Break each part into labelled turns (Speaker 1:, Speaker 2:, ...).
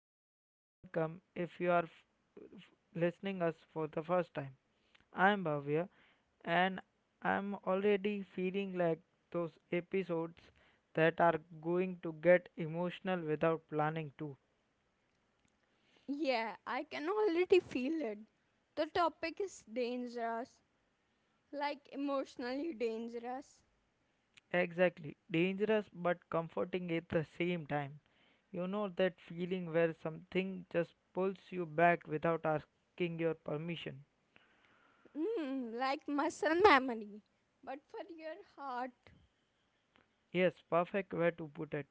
Speaker 1: back or welcome if you are f- listening us for the first time. I am Bhavya and I'm already feeling like those episodes that are going to get emotional without planning to.
Speaker 2: Yeah, I can already feel it. The topic is dangerous, like emotionally dangerous,
Speaker 1: Exactly. Dangerous but comforting at the same time. You know that feeling where something just pulls you back without asking your permission.
Speaker 2: like muscle memory, but for your heart.
Speaker 1: Yes, perfect way to put it.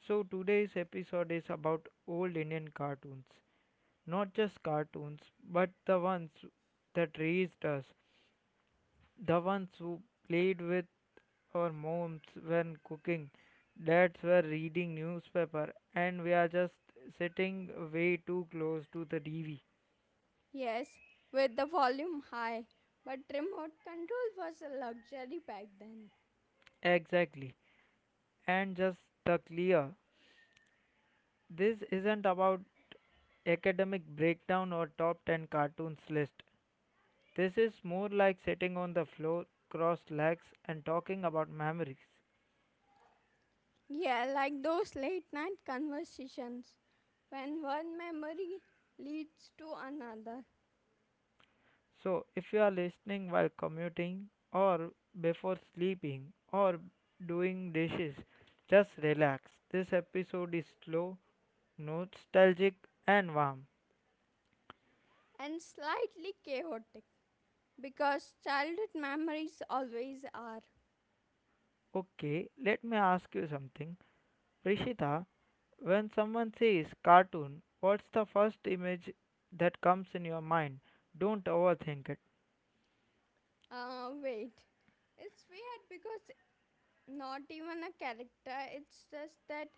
Speaker 1: So, today's episode is about old Indian cartoons. Not just cartoons, but the ones that raised us, the ones who played with our moms when cooking, dads were reading newspaper, and we are just sitting way too close to the TV.
Speaker 2: Yes, with the volume high, but remote control was a luxury back then.
Speaker 1: Exactly. And just the clear. This isn't about academic breakdown or top 10 cartoons list. This is more like sitting on the floor, crossed legs, and talking about memories.
Speaker 2: Yeah, like those late night conversations when one memory leads to another
Speaker 1: So, if you are listening while commuting, or before sleeping, or doing dishes, just relax. This episode is slow, nostalgic, and warm.
Speaker 2: and slightly chaotic because childhood memories always are.
Speaker 1: Okay, let me ask you something. Prishita, when someone says cartoon, what's the first image that comes in your mind? Don't overthink it.
Speaker 2: Wait. It's weird because not even a character, it's just that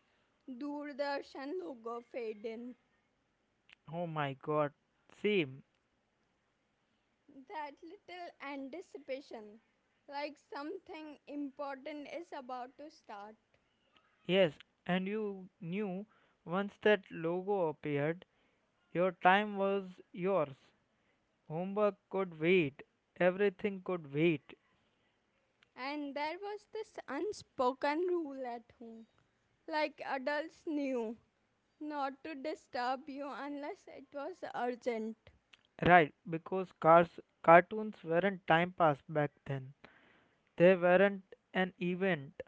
Speaker 2: Doordarshan logo fade in.
Speaker 1: Oh my god, same.
Speaker 2: That little anticipation, like something important is about to start.
Speaker 1: Yes, and you knew once that logo appeared, your time was yours. Homework could wait, everything could wait.
Speaker 2: And there was this unspoken rule at home, like adults knew not to disturb you unless it was urgent.
Speaker 1: Right, because cartoons weren't time pass back then. They weren't an event.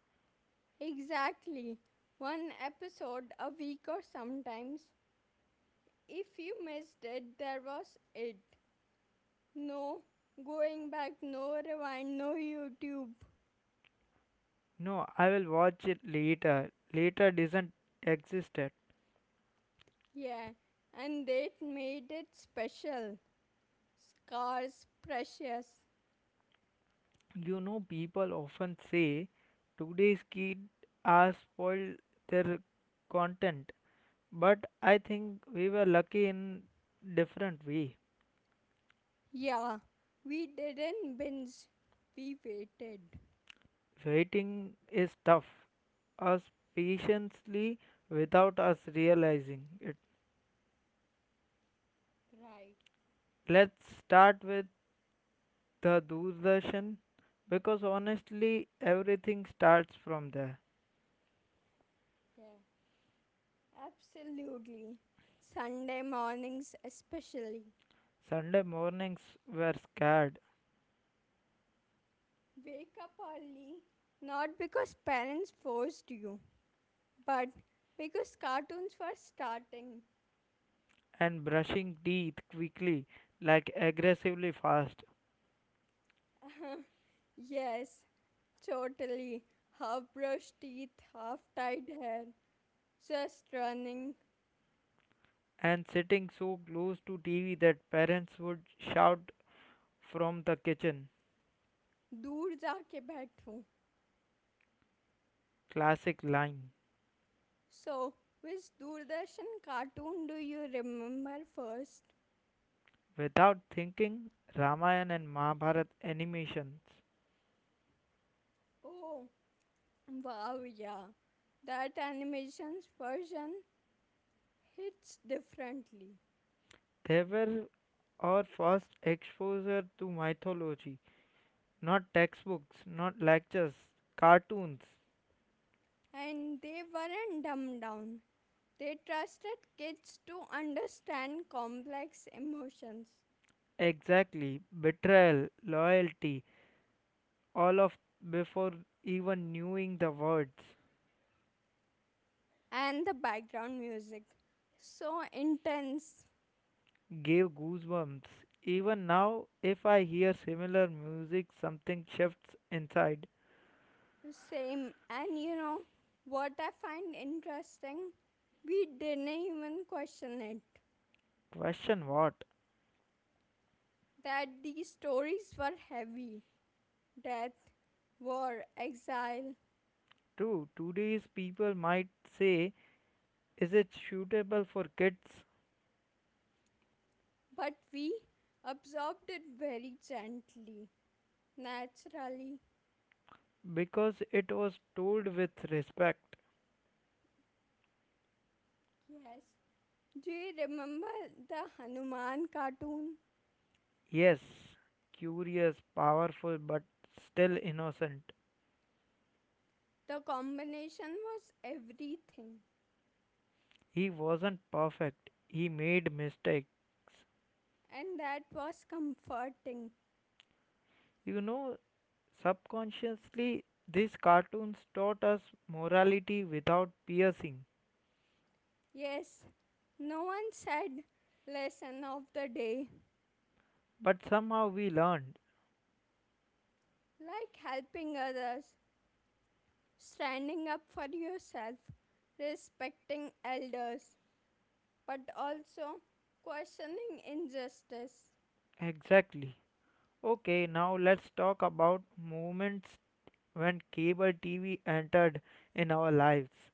Speaker 2: Exactly. One episode a week or sometimes if you missed it, there was it. No going back, no rewind, no YouTube.
Speaker 1: No, I will watch it later. Later doesn't exist yet.
Speaker 2: Yeah, and that made it special. Scars precious.
Speaker 1: You know, people often say today's kids are spoiled their content. But I think we were lucky in different way.
Speaker 2: Yeah, we didn't binge, we waited.
Speaker 1: Waiting is tough. Us patiently without us realizing it.
Speaker 2: Right,
Speaker 1: Let's start with the Doordarshan because honestly everything starts from there.
Speaker 2: yeah, absolutely. Sunday mornings, especially.
Speaker 1: Sunday mornings were scared
Speaker 2: Wake up early, not because parents forced you, but because cartoons were starting.
Speaker 1: and brushing teeth quickly like aggressively fast
Speaker 2: Yes, totally. Half brushed teeth, half tied hair, just running.
Speaker 1: and sitting so close to TV that parents would shout from the kitchen.
Speaker 2: दूर जाके बैठूं.
Speaker 1: Classic line.
Speaker 2: So, which Doordarshan cartoon do you remember first?
Speaker 1: Without thinking, Ramayana and Mahabharata animations.
Speaker 2: Oh, wow, yeah. That animation's version hits differently.
Speaker 1: They were our first exposure to mythology, not textbooks, not lectures, cartoons.
Speaker 2: And they weren't dumbed down. They trusted kids to understand complex emotions.
Speaker 1: Exactly, betrayal, loyalty, all of before even knowing the words
Speaker 2: And the background music so intense.
Speaker 1: gave goosebumps. Even now, if I hear similar music, something shifts inside.
Speaker 2: Same. And you know what I find interesting, we didn't even question it
Speaker 1: Question what?
Speaker 2: that these stories were heavy, death, war, exile,
Speaker 1: True, today's people might say, is it suitable for kids?
Speaker 2: but we absorbed it very gently, naturally.
Speaker 1: Because it was told with respect.
Speaker 2: Yes, do you remember the hanuman cartoon?
Speaker 1: Yes, curious, powerful, but still innocent.
Speaker 2: The combination was everything.
Speaker 1: He wasn't perfect. He made mistakes.
Speaker 2: And that was comforting.
Speaker 1: You know, subconsciously, these cartoons taught us morality without piercing.
Speaker 2: Yes, no one said lesson of the day,
Speaker 1: But somehow we learned.
Speaker 2: like helping others, standing up for yourself, respecting elders, but also questioning injustice.
Speaker 1: Exactly. Okay, now let's talk about moments when cable TV entered in our lives.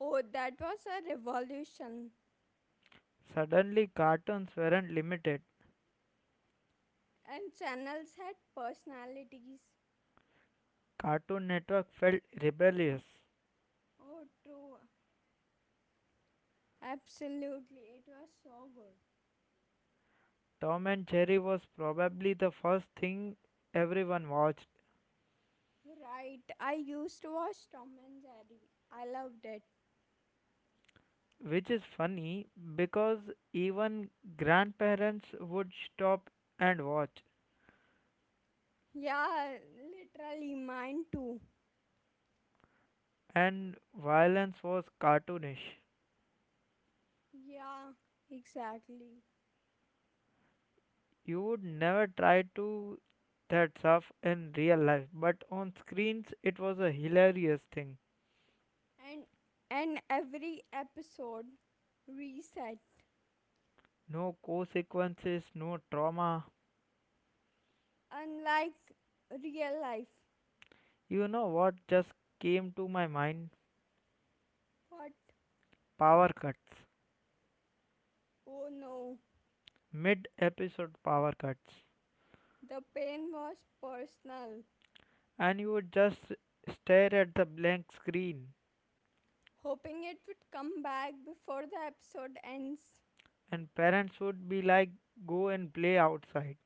Speaker 2: Oh, that was a revolution.
Speaker 1: Suddenly, cartoons weren't limited.
Speaker 2: And channels had personalities.
Speaker 1: Cartoon Network felt rebellious.
Speaker 2: Oh, true. Absolutely. It was so good.
Speaker 1: Tom and Jerry was probably the first thing everyone watched,
Speaker 2: Right. I used to watch Tom and Jerry. I loved it.
Speaker 1: which is funny because even grandparents would stop and watch,
Speaker 2: Yeah, literally mine too.
Speaker 1: and violence was cartoonish.
Speaker 2: Yeah, exactly.
Speaker 1: You would never try to that stuff in real life, but on screens it was a hilarious thing.
Speaker 2: And and every episode reset.
Speaker 1: No consequences, no trauma.
Speaker 2: Unlike real life.
Speaker 1: You know what just came to my mind?
Speaker 2: What?
Speaker 1: Power cuts.
Speaker 2: Oh no.
Speaker 1: Mid episode power cuts.
Speaker 2: The pain was personal.
Speaker 1: And you would just stare at the blank screen,
Speaker 2: Hoping it would come back before the episode ends.
Speaker 1: and parents would be like, go and play outside.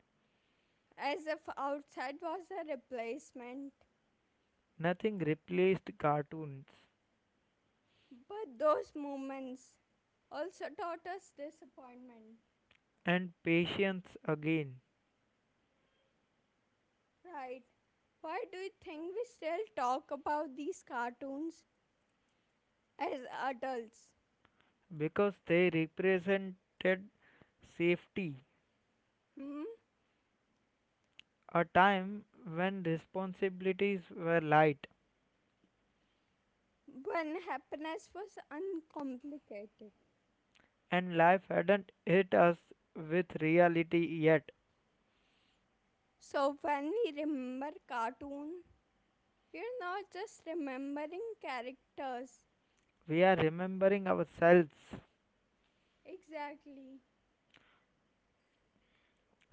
Speaker 2: As if outside was a replacement.
Speaker 1: Nothing replaced cartoons
Speaker 2: But those moments also taught us disappointment.
Speaker 1: and patience again
Speaker 2: Right. Why do you think we still talk about these cartoons as adults?
Speaker 1: because they represented safety,
Speaker 2: Hmm?
Speaker 1: a time when responsibilities were light
Speaker 2: When happiness was uncomplicated.
Speaker 1: and life hadn't hit us with reality yet.
Speaker 2: So when we remember cartoon, we are not just remembering characters.
Speaker 1: We are remembering ourselves,
Speaker 2: Exactly.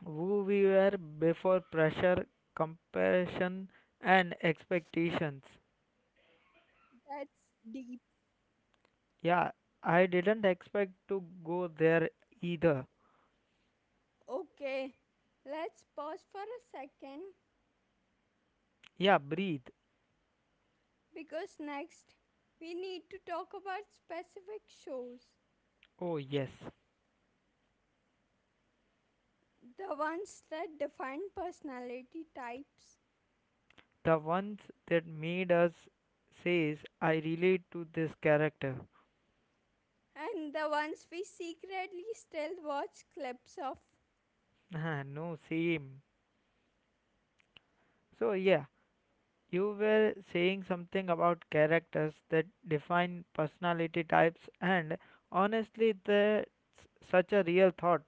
Speaker 1: who we were before pressure, compassion, and expectations.
Speaker 2: That's deep.
Speaker 1: Yeah, I didn't expect to go there either.
Speaker 2: Okay. Let's pause for a second
Speaker 1: Yeah, breathe.
Speaker 2: because next we need to talk about specific shows.
Speaker 1: Oh, yes.
Speaker 2: The ones that define personality types
Speaker 1: The ones that made us says, I relate to this character.
Speaker 2: and the ones we secretly still watch clips of,
Speaker 1: No, same. So, yeah, you were saying something about characters that define personality types, and honestly, that's such a real thought.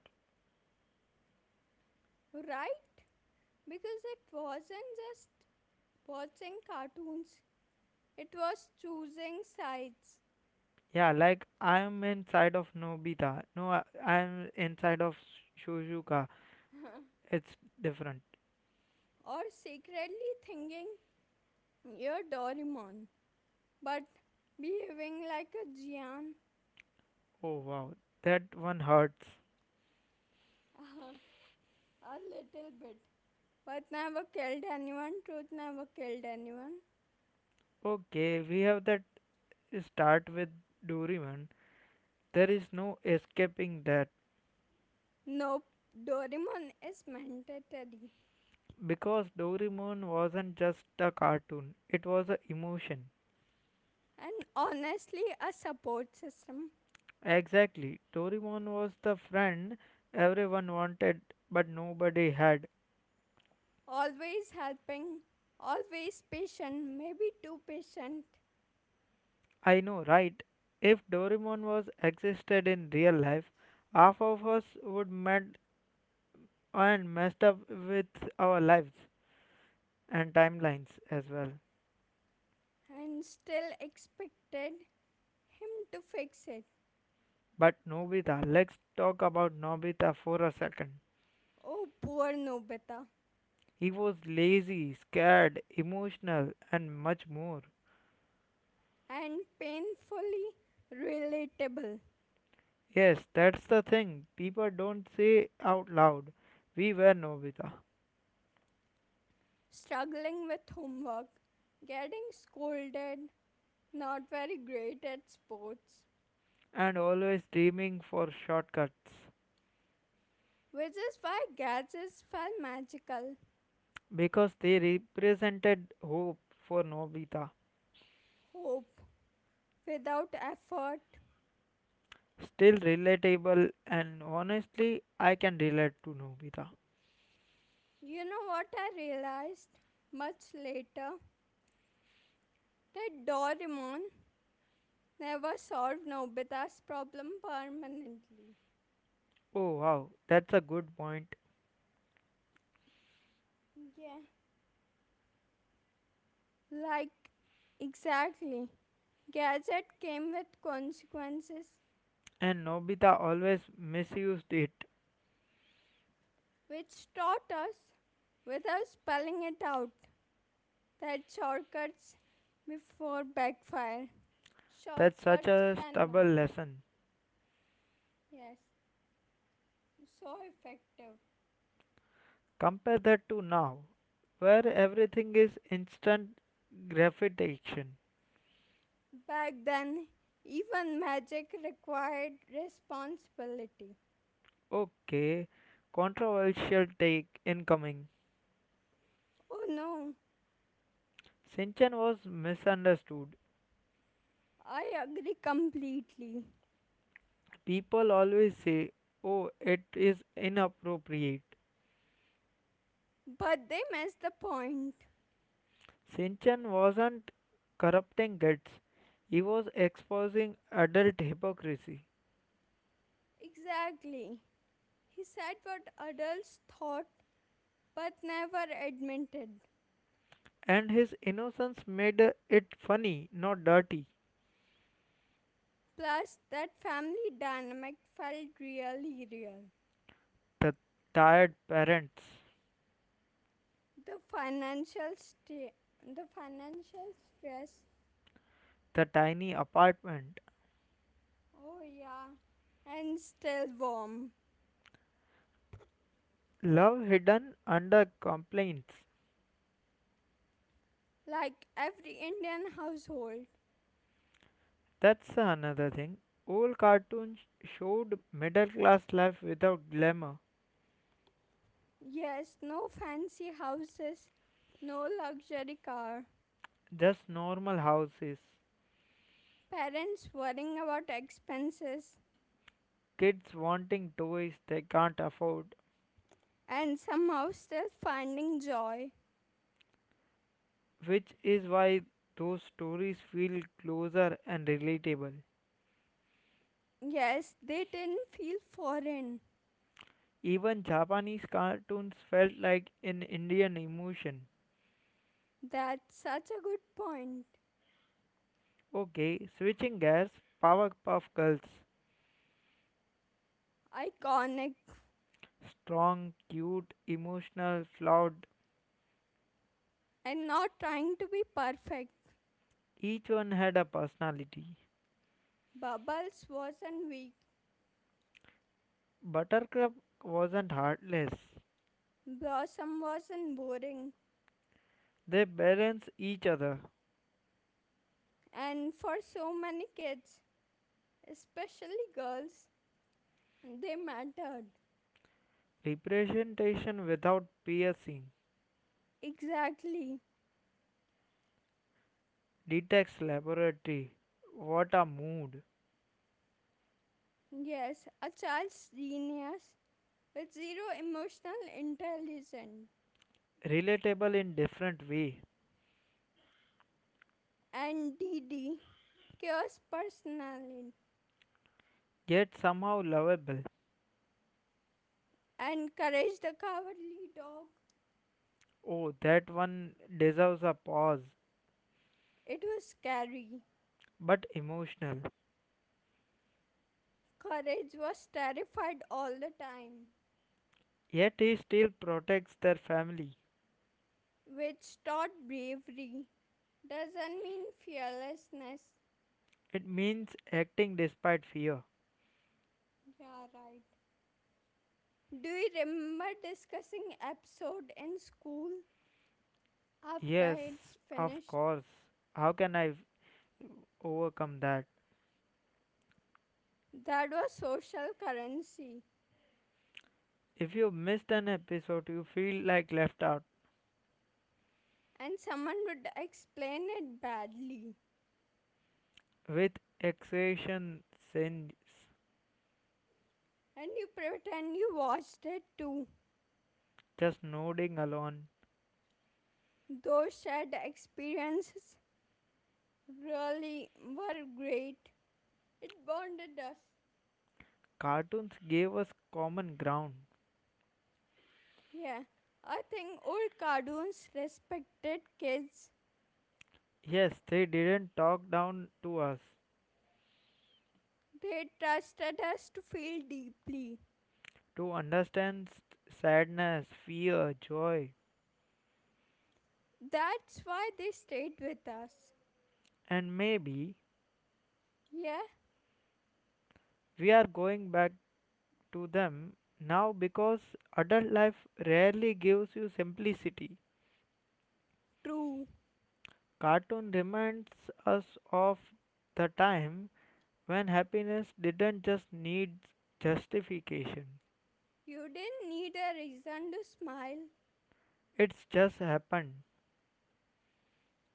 Speaker 2: right? Because it wasn't just watching cartoons, it was choosing sides.
Speaker 1: Yeah, like I'm inside of Nobita. No, I'm inside of Shuzuka. It's different.
Speaker 2: Or secretly thinking you're Doraemon, but behaving like a Gian.
Speaker 1: Oh wow, that one hurts.
Speaker 2: uh, a little bit. But never killed anyone, truth never killed anyone.
Speaker 1: Okay, we have that start with Doraemon. There is no escaping that
Speaker 2: Nope, Doraemon is mandatory
Speaker 1: because Doraemon wasn't just a cartoon; it was an emotion.
Speaker 2: and honestly a support system,
Speaker 1: Exactly. Doraemon was the friend everyone wanted but nobody had.
Speaker 2: always helping, always patient, maybe too patient,
Speaker 1: I know, right? If Doraemon was existed in real life, half of us would met and messed up with our lives and timelines as well.
Speaker 2: and still expected him to fix it.
Speaker 1: But Nobita, let's talk about Nobita for a second.
Speaker 2: Oh, poor Nobita,
Speaker 1: He was lazy, scared, emotional, and much more.
Speaker 2: and painfully relatable,
Speaker 1: Yes, that's the thing people don't say out loud. We were Nobita.
Speaker 2: struggling with homework, getting scolded, not very great at sports,
Speaker 1: And always dreaming for shortcuts
Speaker 2: which is why gadgets felt magical.
Speaker 1: because they represented hope for Nobita.
Speaker 2: Hope without effort.
Speaker 1: Still relatable, and honestly, I can relate to Nobita.
Speaker 2: You know what I realized much later? That Doraemon never solved Nobita's problem permanently.
Speaker 1: Oh wow, that's a good point.
Speaker 2: Yeah. Like, exactly. Gadget came with consequences,
Speaker 1: And Nobita always misused it.
Speaker 2: which taught us, without spelling it out, that shortcuts before backfire.
Speaker 1: That's such
Speaker 2: Shortcuts
Speaker 1: a
Speaker 2: can back.
Speaker 1: stubborn lesson.
Speaker 2: Yes, so effective.
Speaker 1: Compare that to now, where everything is instant gratification.
Speaker 2: Back then, even magic required responsibility.
Speaker 1: Okay, controversial take incoming.
Speaker 2: Oh no,
Speaker 1: Shinchan was misunderstood.
Speaker 2: I agree completely.
Speaker 1: People always say, oh, it is inappropriate.
Speaker 2: But they missed the point.
Speaker 1: Sinchan wasn't corrupting kids, he was exposing adult hypocrisy.
Speaker 2: Exactly. He said what adults thought but never admitted.
Speaker 1: And his innocence made it funny, not dirty.
Speaker 2: Plus, that family dynamic felt really real.
Speaker 1: The tired parents,
Speaker 2: The financial sta- the financial stress.
Speaker 1: the tiny apartment,
Speaker 2: Oh yeah, and still warm,
Speaker 1: love hidden under complaints.
Speaker 2: like every Indian household.
Speaker 1: That's another thing. Old cartoons showed middle class life without glamour,
Speaker 2: Yes, no fancy houses, no luxury car,
Speaker 1: just normal houses,
Speaker 2: parents worrying about expenses,
Speaker 1: kids wanting toys they can't afford,
Speaker 2: and somehow still finding joy.
Speaker 1: which is why those stories feel closer and relatable.
Speaker 2: Yes, they didn't feel foreign.
Speaker 1: Even Japanese cartoons felt like an Indian emotion.
Speaker 2: That's such a good point.
Speaker 1: Okay, switching gears, Powerpuff Girls.
Speaker 2: Iconic
Speaker 1: Strong, cute, emotional, flawed,
Speaker 2: and not trying to be perfect.
Speaker 1: each one had a personality.
Speaker 2: Bubbles wasn't weak,
Speaker 1: Buttercup wasn't heartless.
Speaker 2: Blossom wasn't boring.
Speaker 1: They balance each other.
Speaker 2: And for so many kids, especially girls, they mattered.
Speaker 1: Representation without piercing.
Speaker 2: Exactly.
Speaker 1: Detox Laboratory. What a mood.
Speaker 2: Yes, a child's genius with zero emotional intelligence,
Speaker 1: Relatable in different way,
Speaker 2: and Didi, chaos personally,
Speaker 1: yet somehow lovable.
Speaker 2: and Courage the Cowardly Dog.
Speaker 1: Oh, that one deserves a pause.
Speaker 2: It was scary.
Speaker 1: But emotional.
Speaker 2: Courage was terrified all the time,
Speaker 1: Yet he still protects their family.
Speaker 2: which taught bravery. Doesn't mean fearlessness.
Speaker 1: It means acting despite fear.
Speaker 2: Yeah, right. Do you remember discussing episode in school after
Speaker 1: Yes,
Speaker 2: it's
Speaker 1: of
Speaker 2: finished?
Speaker 1: course. How can I overcome that?
Speaker 2: That was social currency,
Speaker 1: If you missed an episode, you feel like left out
Speaker 2: and someone would explain it badly,
Speaker 1: with exhaustion sins,
Speaker 2: and you pretend you watched it too.
Speaker 1: just nodding alone.
Speaker 2: Those shared experiences really were great. It bonded us.
Speaker 1: Cartoons gave us common ground.
Speaker 2: Yeah, I think old cartoons respected kids.
Speaker 1: Yes, they didn't talk down to us
Speaker 2: They trusted us to feel deeply.
Speaker 1: to understand sadness, fear, joy,
Speaker 2: That's why they stayed with us.
Speaker 1: and maybe
Speaker 2: Yeah,
Speaker 1: we are going back to them now because adult life rarely gives you simplicity.
Speaker 2: true.
Speaker 1: Cartoon reminds us of the time when happiness didn't just need justification.
Speaker 2: You didn't need a reason to smile.
Speaker 1: It's just happened.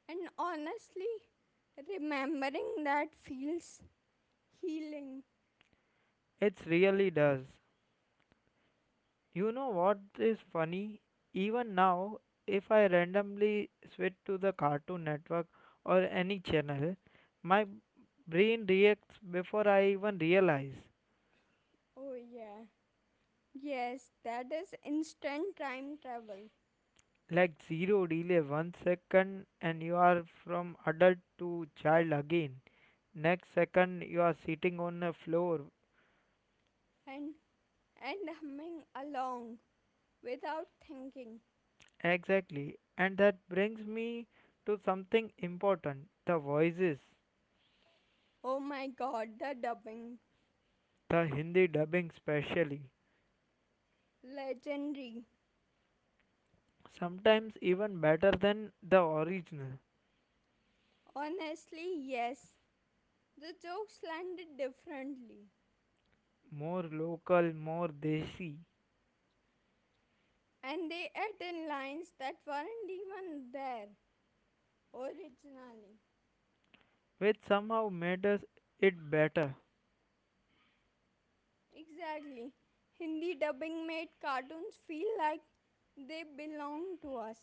Speaker 2: And honestly, remembering that feels healing.
Speaker 1: It really does. You know what is funny? Even now, if I randomly switch to the Cartoon Network or any channel, my brain reacts before I even realize.
Speaker 2: Oh, yeah. Yes, that is instant time travel
Speaker 1: Like zero delay, one second, and you are from adult to child again. Next second, you are sitting on a floor.
Speaker 2: and and humming along without thinking.
Speaker 1: Exactly. And that brings me to something important the voices,
Speaker 2: Oh my god, the dubbing.
Speaker 1: the Hindi dubbing, specially.
Speaker 2: Legendary.
Speaker 1: Sometimes even better than the original,
Speaker 2: Honestly, yes. The jokes landed differently.
Speaker 1: more local, more desi,
Speaker 2: And they added in lines that weren't even there originally.
Speaker 1: which somehow made us it better.
Speaker 2: Exactly. Hindi dubbing made cartoons feel like they belong to us.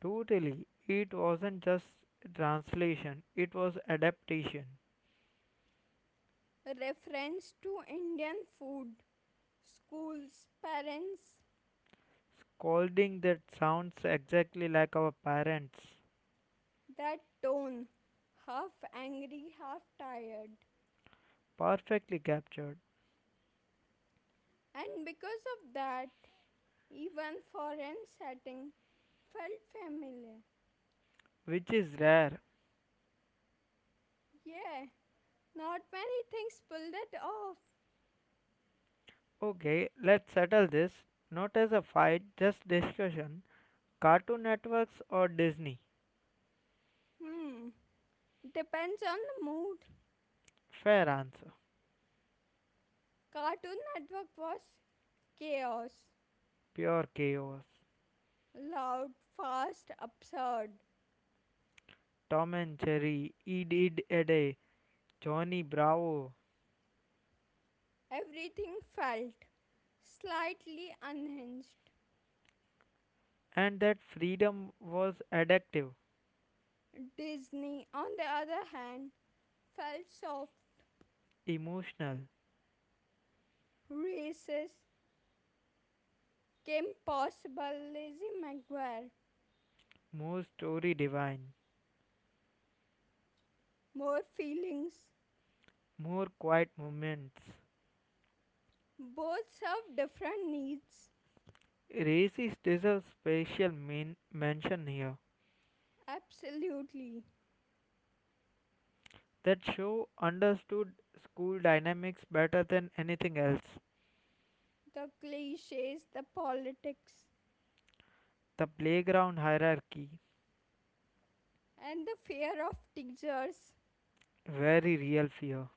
Speaker 1: Totally, it wasn't just translation, it was adaptation.
Speaker 2: A reference to Indian food, schools, parents,
Speaker 1: Scolding that sounds exactly like our parents,
Speaker 2: that tone, half angry, half tired.
Speaker 1: perfectly captured,
Speaker 2: And because of that, even foreign setting felt familiar.
Speaker 1: which is rare.
Speaker 2: Yeah, not many things pull that off.
Speaker 1: Okay, let's settle this. Not as a fight, just discussion. Cartoon networks or Disney?
Speaker 2: Hmm, depends on the mood.
Speaker 1: Fair answer.
Speaker 2: Cartoon Network was chaos,
Speaker 1: Pure chaos.
Speaker 2: loud, fast, absurd.
Speaker 1: Tom and Jerry, Ed, Ed, Eddy, Johnny Bravo,
Speaker 2: Everything felt slightly unhinged.
Speaker 1: and that freedom was addictive,
Speaker 2: Disney, on the other hand, felt soft,
Speaker 1: emotional,
Speaker 2: races came possible. Lizzie McGuire,
Speaker 1: more story divine,
Speaker 2: more feelings.
Speaker 1: more quiet moments.
Speaker 2: Both serve different needs.
Speaker 1: Races deserve special mention here.
Speaker 2: Absolutely.
Speaker 1: That show understood school dynamics better than anything else.
Speaker 2: The cliches, the politics,
Speaker 1: The playground hierarchy,
Speaker 2: and the fear of teachers.
Speaker 1: very real fear,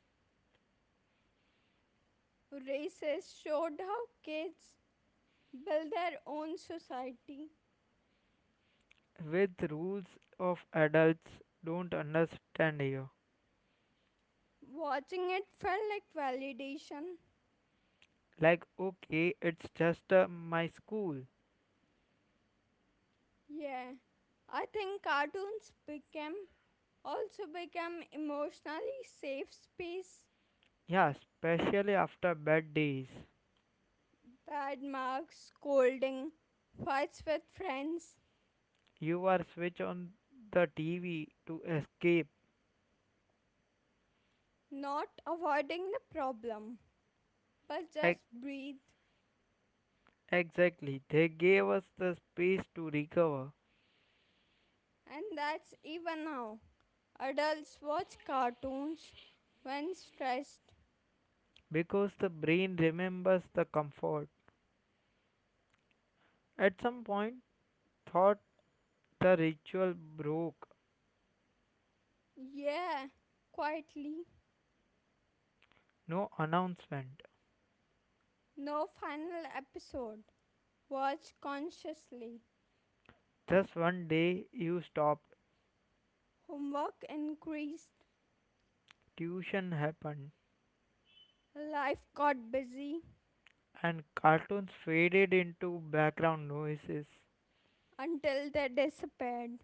Speaker 2: Races showed how kids build their own society.
Speaker 1: with rules of adults don't understand here.
Speaker 2: Watching it felt like validation.
Speaker 1: Like, okay, it's just my school.
Speaker 2: Yeah, I think cartoons became also become emotionally safe space.
Speaker 1: Yeah, especially after bad days.
Speaker 2: Bad marks, scolding, fights with friends,
Speaker 1: You are switch on the TV to escape.
Speaker 2: not avoiding the problem, but just
Speaker 1: Ex-
Speaker 2: breathe.
Speaker 1: exactly. They gave us the space to recover
Speaker 2: And that's even now. Adults watch cartoons when stressed.
Speaker 1: because the brain remembers the comfort. At some point, thought the ritual broke.
Speaker 2: Yeah, quietly.
Speaker 1: No announcement.
Speaker 2: No final episode. Watch consciously.
Speaker 1: Just one day you stopped.
Speaker 2: Homework increased.
Speaker 1: Tuition happened
Speaker 2: Life got busy
Speaker 1: and cartoons faded into background noises.
Speaker 2: until they disappeared.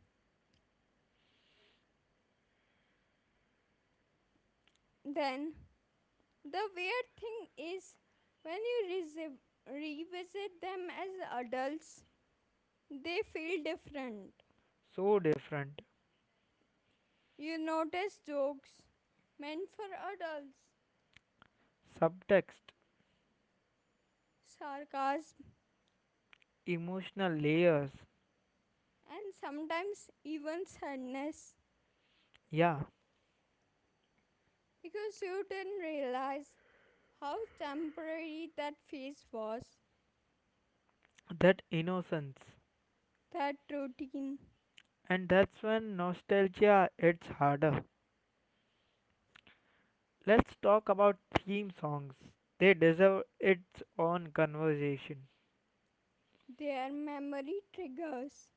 Speaker 2: Then the weird thing is, when you revisit them as adults, they feel different.
Speaker 1: So different.
Speaker 2: You notice jokes meant for adults,
Speaker 1: Subtext,
Speaker 2: sarcasm,
Speaker 1: emotional layers,
Speaker 2: and sometimes even sadness
Speaker 1: yeah,
Speaker 2: because you didn't realize how temporary that phase was,
Speaker 1: that innocence.
Speaker 2: that routine,
Speaker 1: And that's when nostalgia hits harder. Let's talk about theme songs. They deserve its own conversation.
Speaker 2: their memory triggers,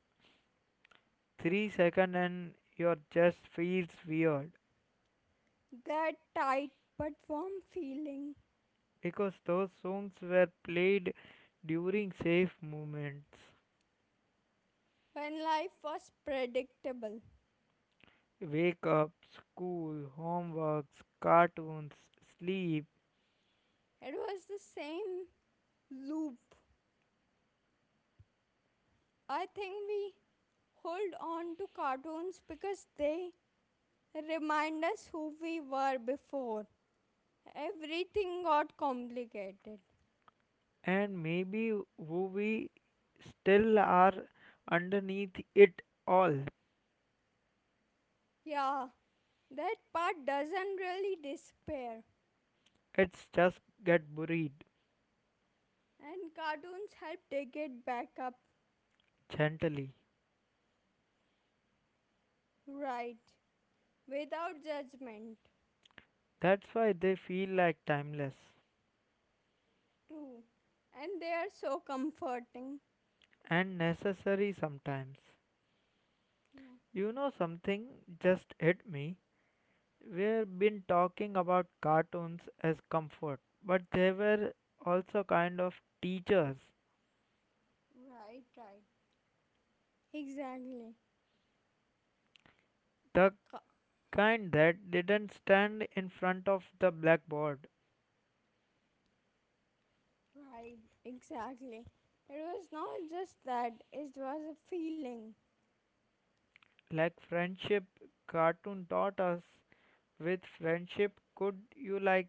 Speaker 1: 3 second and your chest feels weird
Speaker 2: that tight but warm feeling
Speaker 1: because those songs were played during safe moments.
Speaker 2: when life was predictable.
Speaker 1: Wake up, school, homeworks, cartoons, sleep,
Speaker 2: It was the same loop. I think we hold on to cartoons because they remind us who we were before. Everything got complicated.
Speaker 1: and maybe who we still are underneath it all.
Speaker 2: Yeah, that part doesn't really disappear.
Speaker 1: It's just get buried
Speaker 2: And cartoons help take it back up
Speaker 1: gently.
Speaker 2: right without judgment.
Speaker 1: That's why they feel like timeless
Speaker 2: True. And they are so comforting.
Speaker 1: and necessary sometimes.
Speaker 2: Yeah,
Speaker 1: You know something just hit me. We've been talking about cartoons as comfort, but they were also kind of teachers.
Speaker 2: right, right. Exactly.
Speaker 1: The
Speaker 2: Ca-
Speaker 1: kind that didn't stand in front of the blackboard,
Speaker 2: Right, exactly. It was not just that, it was a feeling.
Speaker 1: like friendship cartoon taught us with friendship, could you like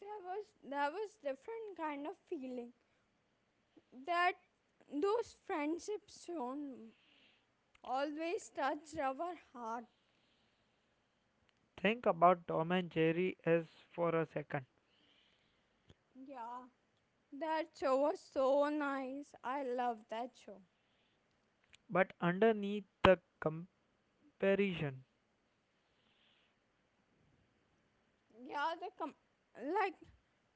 Speaker 2: There was different kind of feeling that those friendships shown always touched our heart.
Speaker 1: think about Tom and Jerry as for a second.
Speaker 2: Yeah. That show was so nice. I love that show.
Speaker 1: But underneath the comparison,
Speaker 2: Yeah, like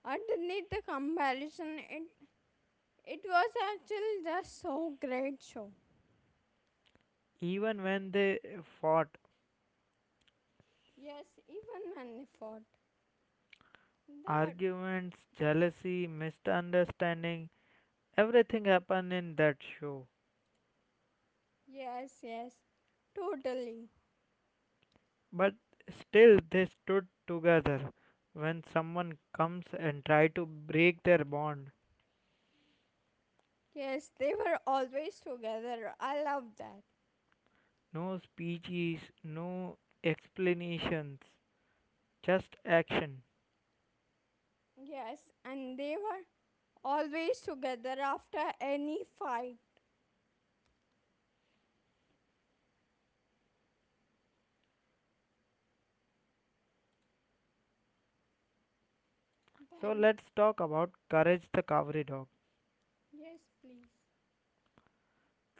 Speaker 2: underneath the comparison it was actually just so great show.
Speaker 1: even when they fought,
Speaker 2: Yes, even when they fought. That.
Speaker 1: arguments, jealousy, misunderstanding, everything happened in that show,
Speaker 2: Yes, yes, totally.
Speaker 1: but still they stood together when someone comes and try to break their bond.
Speaker 2: Yes, they were always together. I love that.
Speaker 1: No speeches, no explanations, just action.
Speaker 2: Yes, and they were always together after any fight.
Speaker 1: So
Speaker 2: Then,
Speaker 1: let's talk about Courage the Cowardly Dog,
Speaker 2: yes, please.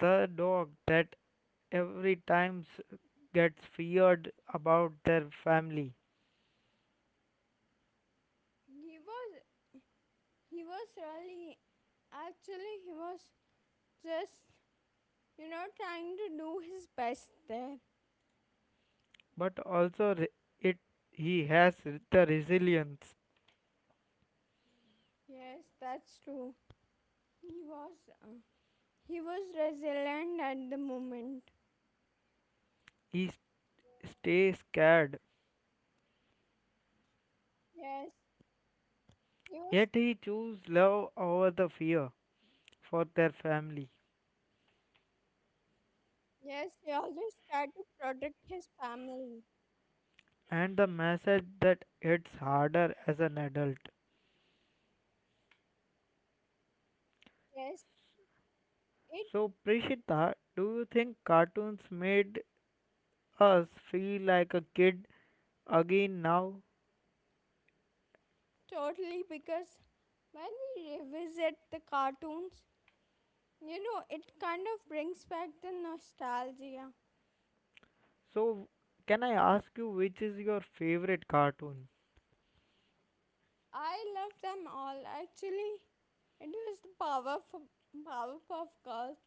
Speaker 1: the dog that every time gets feared about their family,
Speaker 2: He was, he was really, actually, he was just, you know, trying to do his best there.
Speaker 1: but also re- it he has the resilience.
Speaker 2: Yes, that's true. He was, uh, he was resilient at the moment.
Speaker 1: He stays scared,
Speaker 2: Yes, he was.
Speaker 1: yet he chooses love over the fear for their family,
Speaker 2: Yes, he always tried to protect his family.
Speaker 1: and the message that hits harder as an adult.
Speaker 2: Yes, it
Speaker 1: So Prishita, do you think cartoons made us feel like a kid again now?
Speaker 2: totally because when we revisit the cartoons, you know, it kind of brings back the nostalgia.
Speaker 1: So, can I ask you which is your favorite cartoon?
Speaker 2: I love them all. Actually, it was the power for Powerpuff Girls.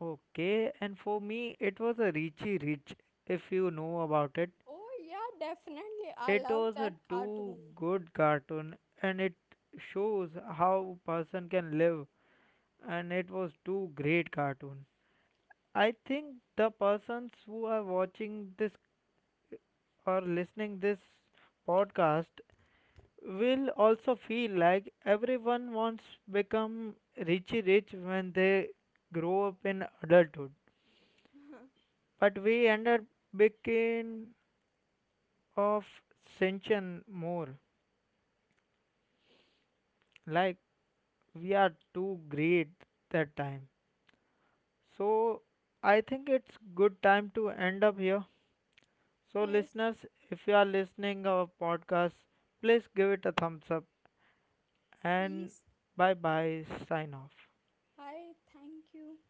Speaker 1: Okay, and for me, it was a Richie Rich, if you know about it.
Speaker 2: Oh yeah, definitely. I
Speaker 1: It
Speaker 2: love
Speaker 1: was a
Speaker 2: that
Speaker 1: too
Speaker 2: cartoon.
Speaker 1: good cartoon and it shows how person can live and it was too great cartoon. I think the persons who are watching this or listening this podcast will also feel like everyone wants become richy rich when they grow up in adulthood, but we end up becoming of tension more, like we are too great that time. So I think it's good time to end up here. So
Speaker 2: Yes,
Speaker 1: listeners, if you are listening our podcast, please give it a thumbs up and
Speaker 2: please.
Speaker 1: bye bye sign off.
Speaker 2: Bye. Thank you.